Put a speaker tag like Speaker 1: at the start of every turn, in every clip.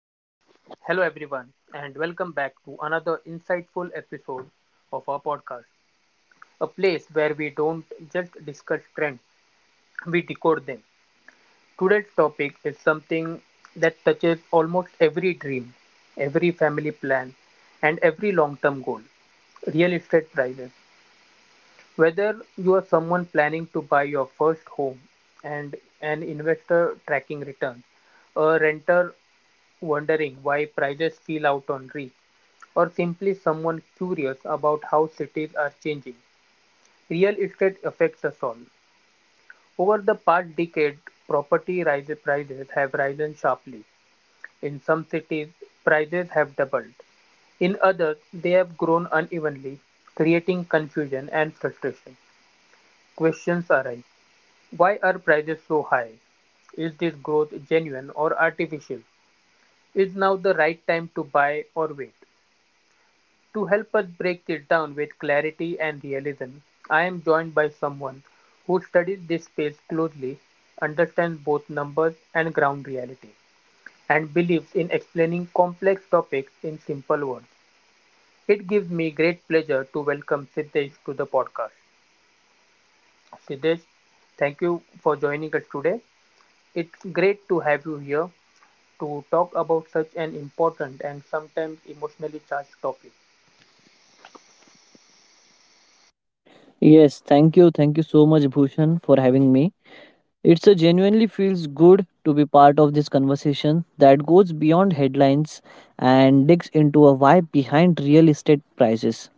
Speaker 1: Hello, everyone, and welcome back to another insightful episode of our podcast, a place where we don't just discuss trends, we decode them. Today's topic is something that touches almost every dream, every family plan, and every long term goal real estate prices. Whether you are someone planning to buy your first home and an investor tracking returns, a renter wondering why prices fell out on reach, or simply someone curious about how cities are changing. Real estate affects us all. Over the past decade, prices have risen sharply. In some cities, prices have doubled. In others, they have grown unevenly, creating confusion and frustration. Questions arise. Why are prices so high? Is this growth genuine or artificial? Is now the right time to buy or wait? To help us break it down with clarity and realism, I am joined by someone who studies this space closely, understands both numbers and ground reality, and believes in explaining complex topics in simple words. It gives me great pleasure to welcome Siddesh to the podcast. Siddesh, thank you for joining us today. It's great to have you here to talk about such an important and sometimes emotionally charged topic.
Speaker 2: Yes, thank you. Thank you so much, Bhushan, for having me. It's a genuinely feels good to be part of this conversation that goes beyond headlines and digs into a why behind real estate prices.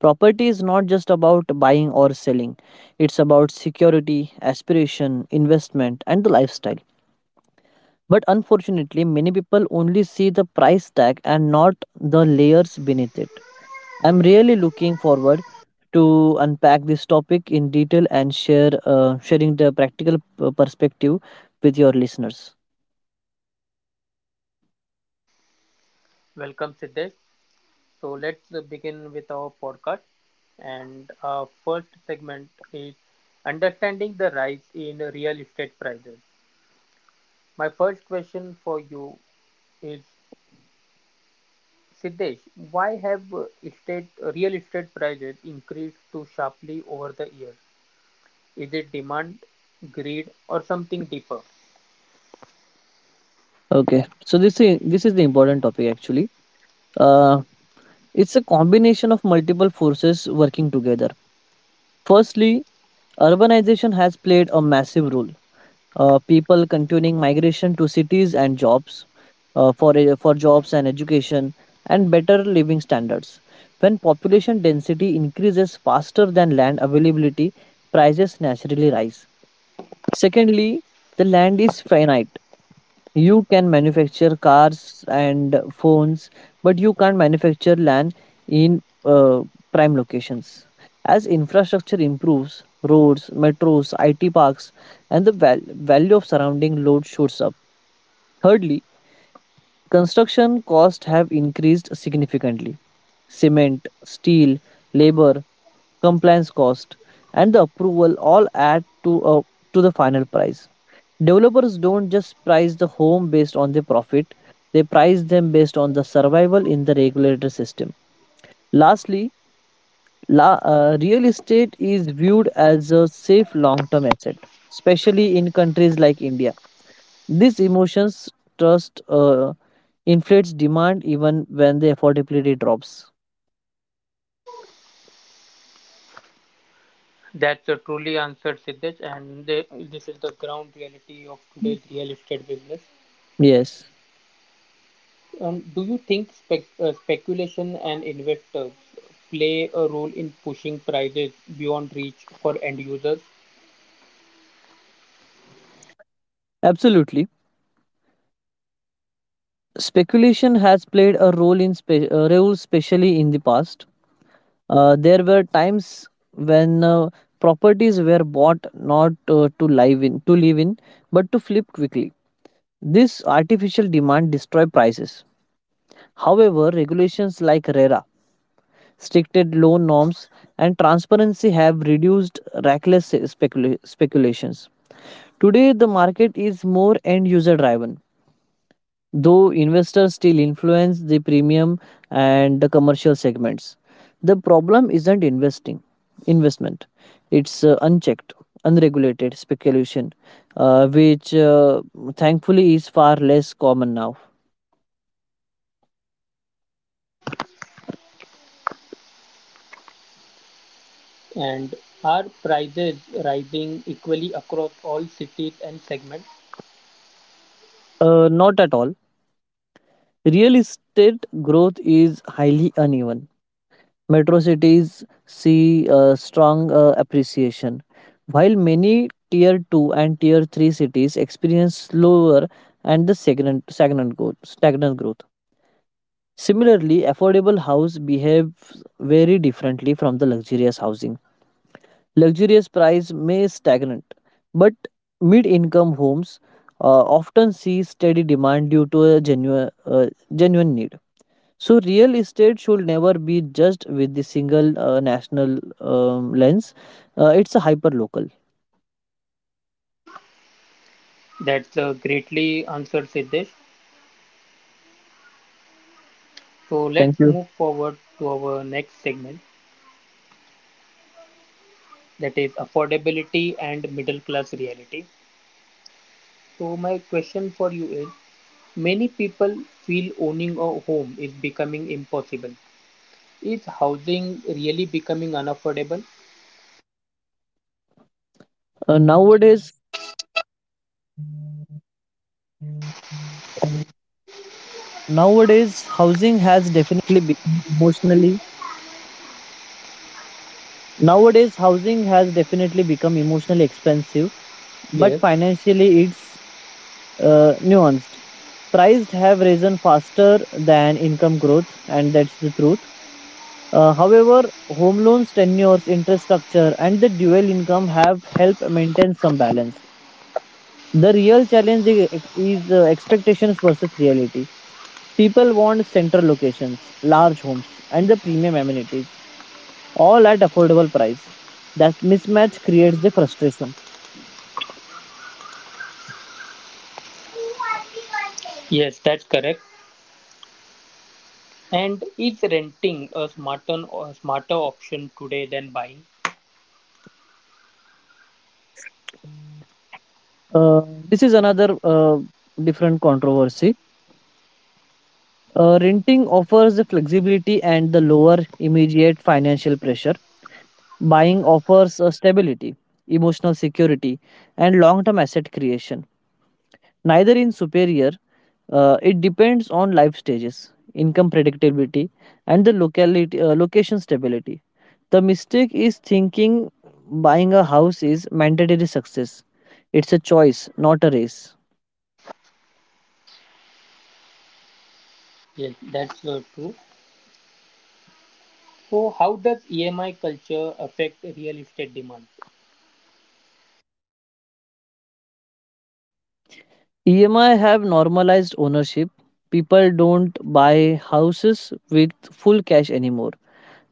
Speaker 2: Property is not just about buying or selling. It's about security, aspiration, investment, and the lifestyle. But unfortunately, many people only see the price tag and not the layers beneath it. I'm really looking forward to unpack this topic in detail and share sharing the practical perspective with your listeners.
Speaker 1: Welcome, Siddesh. So let's begin with our podcast. And our first segment is understanding the rise in real estate prices. My first question for you is Siddesh, why have estate real estate prices increased so sharply over the years? Is it demand, greed, or something deeper?
Speaker 2: Okay, so this is the important topic actually. Uh, it's a combination of multiple forces working together. Firstly, urbanization has played a massive role. People continuing migration to cities and jobs for jobs and education and better living standards. When population density increases faster than land availability, prices naturally rise. Secondly, the land is finite. You can manufacture cars and phones, but you can't manufacture land in prime locations. As infrastructure improves, roads, metros, IT parks, and the value of surrounding load shoots up. Thirdly, construction costs have increased significantly. Cement, steel, labor, compliance cost, and the approval all add to the final price. Developers don't just price the home based on the profit, they price them based on the survival in the regulated system. Lastly, real estate is viewed as a safe long term asset, especially in countries like India. This emotions trust inflates demand even when the affordability drops.
Speaker 1: That's a truly answered Siddesh, and this is the ground reality of today's real estate business.
Speaker 2: Yes,
Speaker 1: Do you think speculation and investors play a role in pushing prices beyond reach for end users?
Speaker 2: absolutely. Speculation has played a role in role especially in the past. There were times when properties were bought not to live in, but to flip quickly. This artificial demand destroyed prices. However, regulations like RERA, stricted loan norms, and transparency have reduced reckless speculations. Today, the market is more end user driven though investors still influence the premium and the commercial segments. The problem isn't investment. It's unchecked, unregulated speculation, which thankfully is far less common now.
Speaker 1: And are prices rising equally across all cities and segments?
Speaker 2: Not at all. Real estate growth is highly uneven. Metro cities see a strong appreciation, while many tier 2 and tier 3 cities experience slower and the stagnant growth. Similarly, affordable house behaves very differently from the luxurious housing. Luxurious price may stagnant, but mid-income homes often see steady demand due to a genuine need. So real estate should never be judged with the single national lens. It's a hyper local.
Speaker 1: That's greatly answered, Siddesh. So
Speaker 2: Thank
Speaker 1: let's
Speaker 2: you.
Speaker 1: move forward to our next segment that is affordability and middle class reality. So, my question for you is many people feel owning a home is becoming impossible. Is housing really becoming unaffordable?
Speaker 2: Housing has definitely become emotionally expensive, but
Speaker 3: Yes.
Speaker 2: financially it's nuanced. Prices have risen faster than income growth, and that's the truth. However, home loans, tenures, interest structure, and the dual income have helped maintain some balance. The real challenge is expectations versus reality. People want central locations, large homes, and the premium amenities, all at affordable price. That mismatch creates the frustration.
Speaker 3: Yes, that's correct. And is renting a smarter or smarter option today than buying?
Speaker 2: Uh, this is another different controversy. Renting offers the flexibility and the lower immediate financial pressure. Buying offers stability, emotional security, and long term asset creation. Neither is superior, it depends on life stages, income predictability, and the location stability. The mistake is thinking buying a house is mandatory success. It's a choice, not a race.
Speaker 3: Yes, that's true. So, how does EMI culture affect real estate demand?
Speaker 2: EMI have normalized ownership. People don't buy houses with full cash anymore.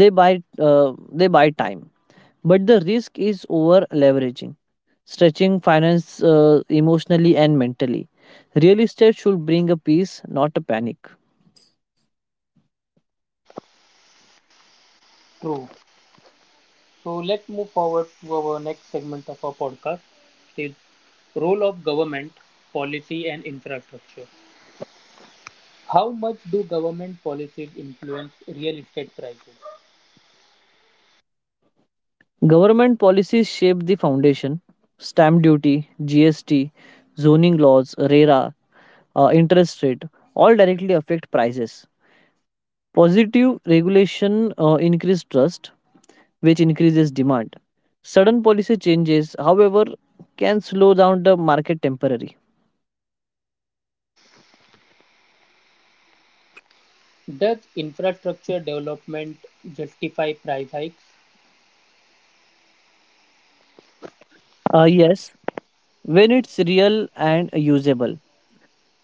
Speaker 2: They buy uh, time. But the risk is over leveraging, stretching finance emotionally and mentally. Real estate should bring a peace, not a panic.
Speaker 3: True. So let's move forward to our next segment of our podcast, the role of government, policy and infrastructure. How much do government policies influence real estate prices?
Speaker 2: Government policies shape the foundation. Stamp duty, GST, zoning laws, RERA, interest rate all directly affect prices. Positive regulation increase trust, which increases demand. Sudden policy changes, however, can slow down the market temporarily.
Speaker 3: Does infrastructure development justify price hikes?
Speaker 2: Yes, when it's real and usable.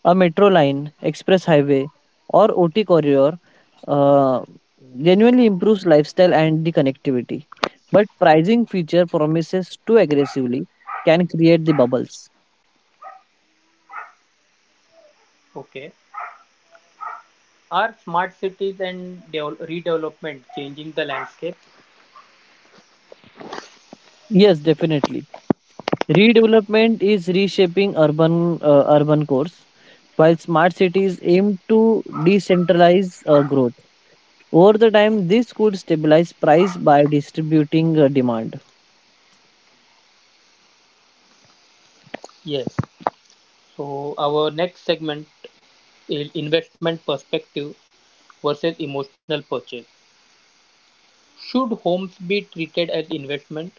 Speaker 2: A metro line, express highway, or OT corridor uh, genuinely improves lifestyle and the connectivity. But pricing feature promises too aggressively can create the bubbles.
Speaker 3: Okay. Are smart cities and redevelopment changing the landscape?
Speaker 2: Yes, definitely. Redevelopment is reshaping urban cores, while smart cities aim to decentralize growth. Over the time, this could stabilize price by distributing demand.
Speaker 3: Yes. So our next segment is investment perspective versus emotional purchase. Should homes be treated as investment?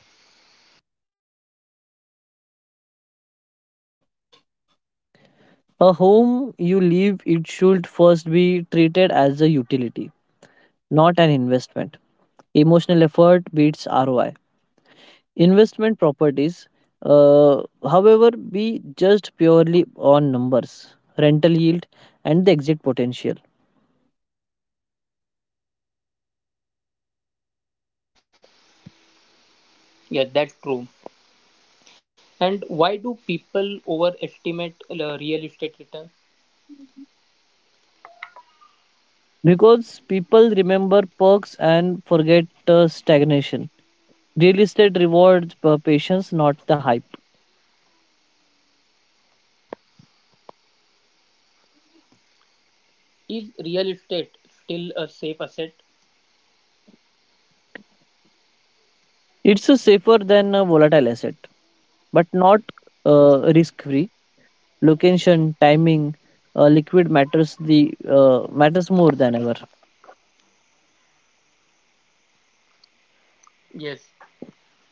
Speaker 2: A home you live it should first be treated as a utility, not an investment. Emotional effort beats ROI. Investment properties, however, be judged purely on numbers, rental yield, and the exit potential.
Speaker 3: Yeah, that's true. And why do people overestimate the real estate return?
Speaker 2: Because people remember perks and forget stagnation. Real estate rewards per patience, not the hype.
Speaker 3: Is real estate still a safe asset?
Speaker 2: It's a safer than a volatile asset, but not risk-free. Location, timing, liquid matters more than ever.
Speaker 3: Yes.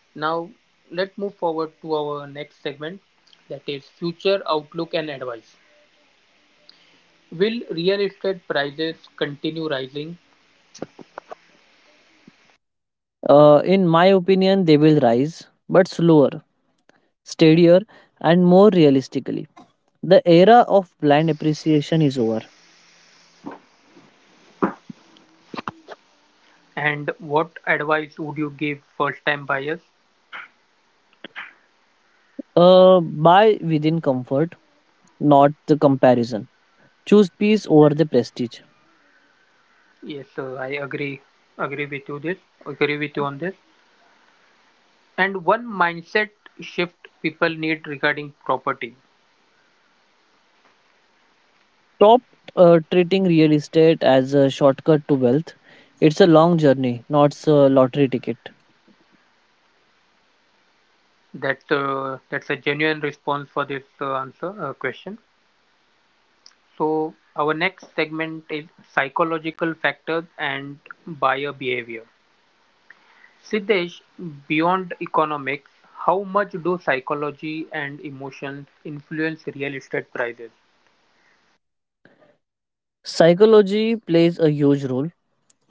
Speaker 3: Now let's move forward to our next segment that is future outlook and advice. Will real estate prices continue rising?
Speaker 2: In my opinion, they will rise, but slower, steadier, and more realistically. The era of blind appreciation is over.
Speaker 3: And what advice would you give first time buyers?
Speaker 2: Buy within comfort, not the comparison. Choose peace over the prestige.
Speaker 3: Yes, sir, I agree agree with you this agree with you on this. And one mindset shift people need regarding property.
Speaker 2: Stop treating real estate as a shortcut to wealth. It's a long journey, not a lottery ticket.
Speaker 3: That's a genuine response for this answer question. So our next segment is psychological factors and buyer behavior. Siddesh, beyond economics, how much do psychology and emotion influence real estate prices?
Speaker 2: Psychology plays a huge role,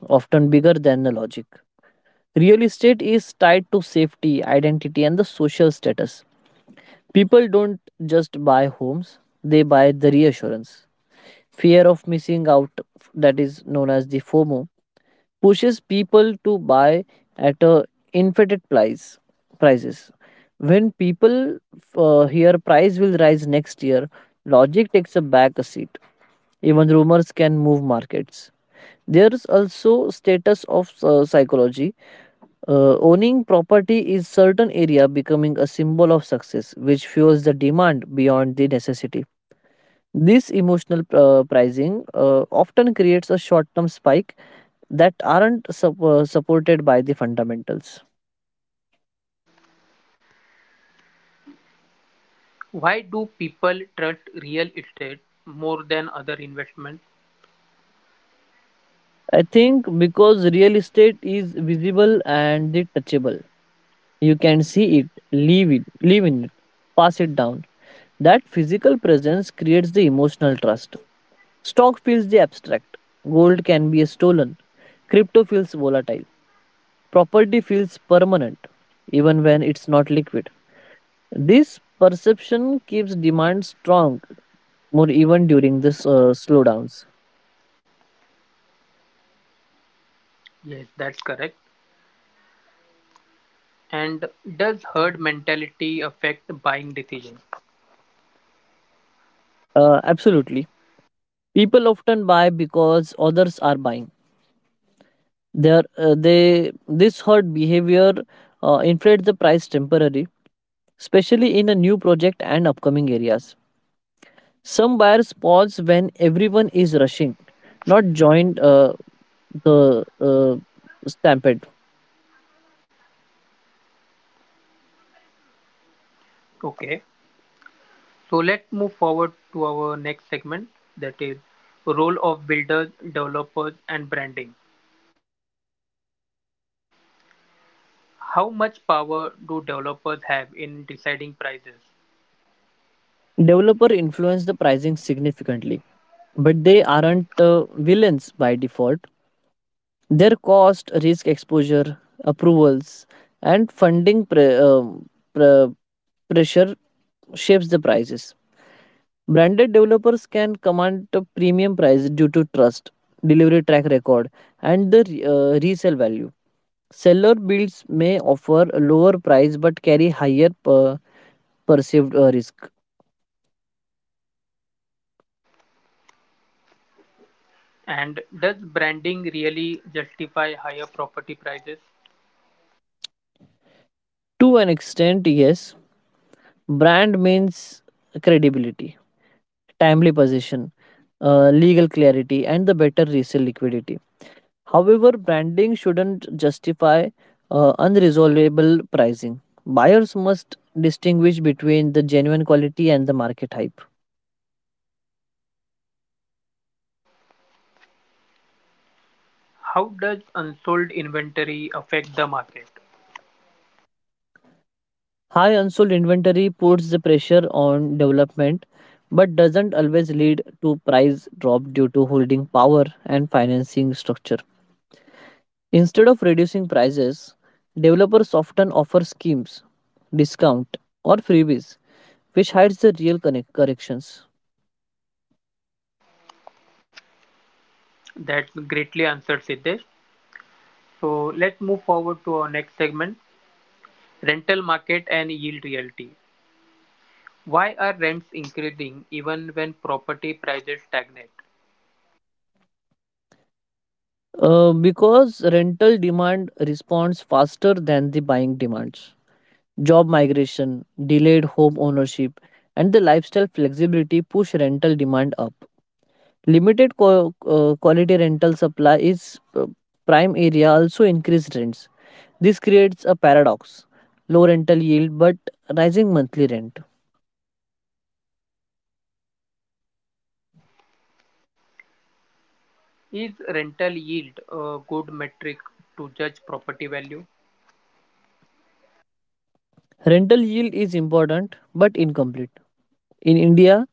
Speaker 2: often bigger than the logic. Real estate is tied to safety, identity, and the social status. People don't just buy homes, they buy the reassurance. Fear of missing out, that is known as the FOMO, pushes people to buy at a inflated price prices. When people hear price will rise next year, logic takes a back seat. Even rumors can move markets. There is also status of psychology. Owning property is certain area becoming a symbol of success, which fuels the demand beyond the necessity. This emotional pricing often creates a short-term spike that aren't supported by the fundamentals.
Speaker 3: Why do people trust real estate more than other investments?
Speaker 2: I think because real estate is visible and the touchable. You can see it, live in it, pass it down. That physical presence creates the emotional trust. Stock feels the abstract. Gold can be stolen. Crypto feels volatile. Property feels permanent, even when it's not liquid. This perception keeps demand strong, more even during this slowdowns.
Speaker 3: Yes, that's correct. And does herd mentality affect buying decisions?
Speaker 2: Absolutely. People often buy because others are buying. They This herd behavior inflates the price temporarily, especially in a new project and upcoming areas. Some buyers pause when everyone is rushing, not join the stampede.
Speaker 3: Okay. So let's move forward to our next segment that is role of builders, developers and branding. How much power do developers have in deciding prices?
Speaker 2: Developer influence the pricing significantly, but they aren't villains by default. Their cost, risk exposure, approvals, and funding pre- pressure shapes the prices. Branded developers can command a premium price due to trust, delivery track record, and the resale value. Seller builds may offer a lower price but carry higher perceived risk.
Speaker 3: And does branding really justify higher property prices?
Speaker 2: To an extent, yes, brand means credibility, timely possession, legal clarity, and the better resale liquidity. However, branding shouldn't justify unresolvable pricing. Buyers must distinguish between the genuine quality and the market hype.
Speaker 3: How does unsold inventory affect the market?
Speaker 2: High unsold inventory puts the pressure on development but doesn't always lead to price drop due to holding power and financing structure. Instead of reducing prices, developers often offer schemes, discount, or freebies, which hides the real corrections.
Speaker 3: That's greatly answered, Siddesh. So let's move forward to our next segment, rental market and yield reality. Why are rents increasing even when property prices stagnate?
Speaker 2: Because rental demand responds faster than the buying demands. Job migration, delayed home ownership, and the lifestyle flexibility push rental demand up. Limited quality rental supply is prime area also increased rents. This creates a paradox: low rental yield but rising monthly rent.
Speaker 3: Is rental yield a good metric to judge property value?
Speaker 2: Rental yield is important but incomplete. In India,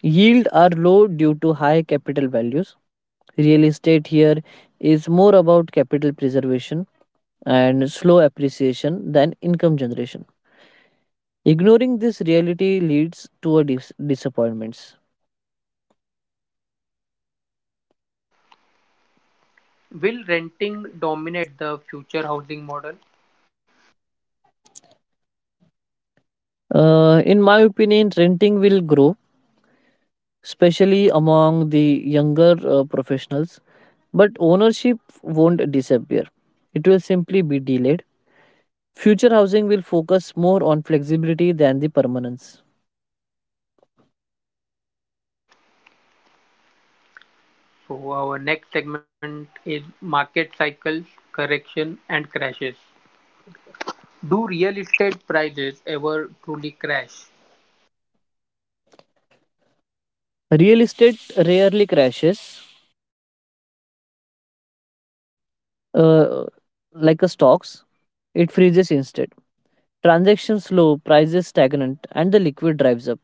Speaker 2: yield are low due to high capital values. Real estate here is more about capital preservation and slow appreciation than income generation. Ignoring this reality leads to a disappointments.
Speaker 3: Will renting dominate the future housing model?
Speaker 2: In my opinion, renting will grow, especially among the younger professionals, but ownership won't disappear. It will simply be delayed. Future housing will focus more on flexibility than the permanence.
Speaker 3: So, our next segment is market cycles, correction, and crashes. Do real estate prices ever truly crash?
Speaker 2: Real estate rarely crashes uh, like a stocks. It freezes instead. Transactions slow, prices stagnant, and the liquid drives up.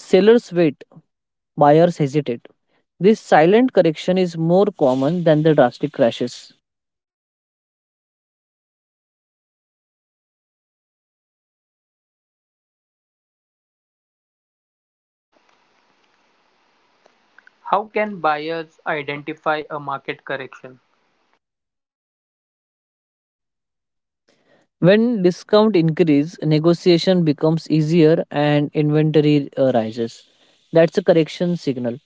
Speaker 2: Sellers wait, buyers hesitate. This silent correction is more common than the drastic crashes.
Speaker 3: How can buyers identify a market correction?
Speaker 2: When discount increases, negotiation becomes easier and inventory rises. That's a correction signal.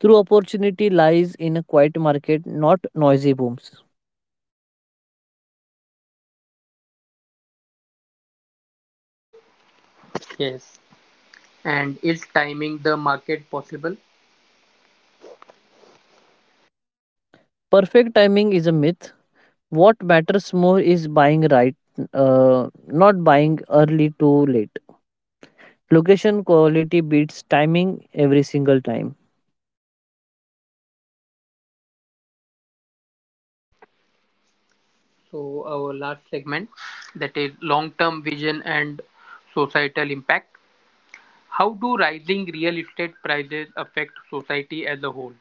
Speaker 2: True opportunity lies in a quiet market, not noisy booms.
Speaker 3: Yes. And is timing the market possible?
Speaker 2: Perfect timing is a myth. What matters more is buying right, not buying early too late. Location quality beats timing every single time.
Speaker 3: So, our last segment that is long term vision and societal impact. How do rising real estate prices affect society as a whole?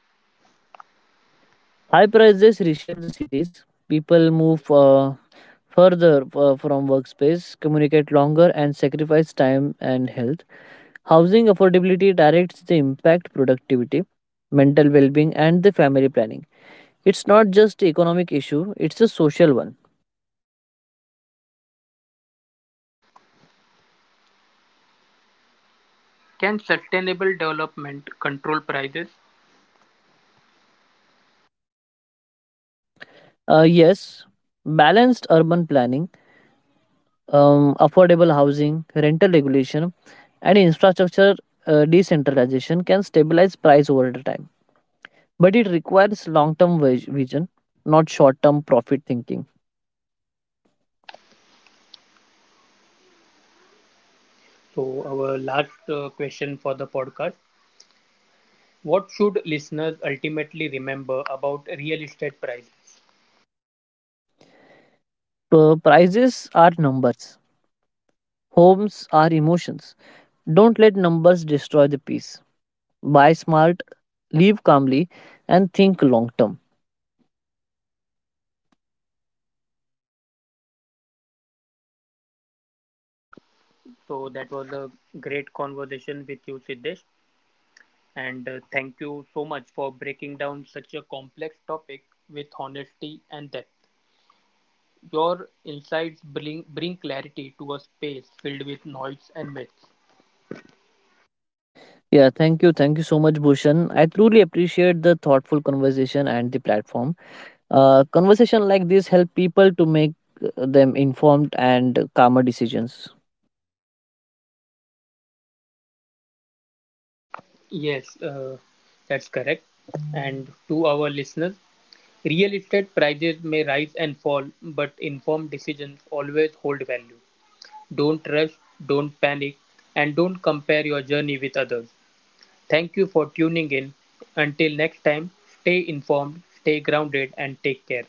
Speaker 2: High prices reshape the cities. People move further from workspace, communicate longer, and sacrifice time and health. Housing affordability directs the impact productivity, mental well-being, and the family planning. It's not just economic issue; it's a social one.
Speaker 3: Can sustainable development control prices?
Speaker 2: Yes, balanced urban planning, affordable housing, rental regulation, and infrastructure decentralization can stabilize price over the time. But it requires long term vision, not short term profit thinking.
Speaker 3: So, our last question for the podcast. What should listeners ultimately remember about real estate prices?
Speaker 2: Prices are numbers, homes are emotions. Don't let numbers destroy the peace. Buy smart, live calmly, and think long term.
Speaker 3: So, that was a great conversation with you, Siddesh. And thank you so much for breaking down such a complex topic with honesty and depth. Your insights bring clarity to a space filled with noise and myths.
Speaker 2: Yeah, thank you. Thank you so much, Bhushan. I truly appreciate the thoughtful conversation and the platform. Conversation like this help people to make them informed and calmer decisions.
Speaker 3: Yes, that's correct. And to our listeners, real estate prices may rise and fall, but informed decisions always hold value. Don't rush, don't panic, and don't compare your journey with others. Thank you for tuning in. Until next time, stay informed, stay grounded, and take care.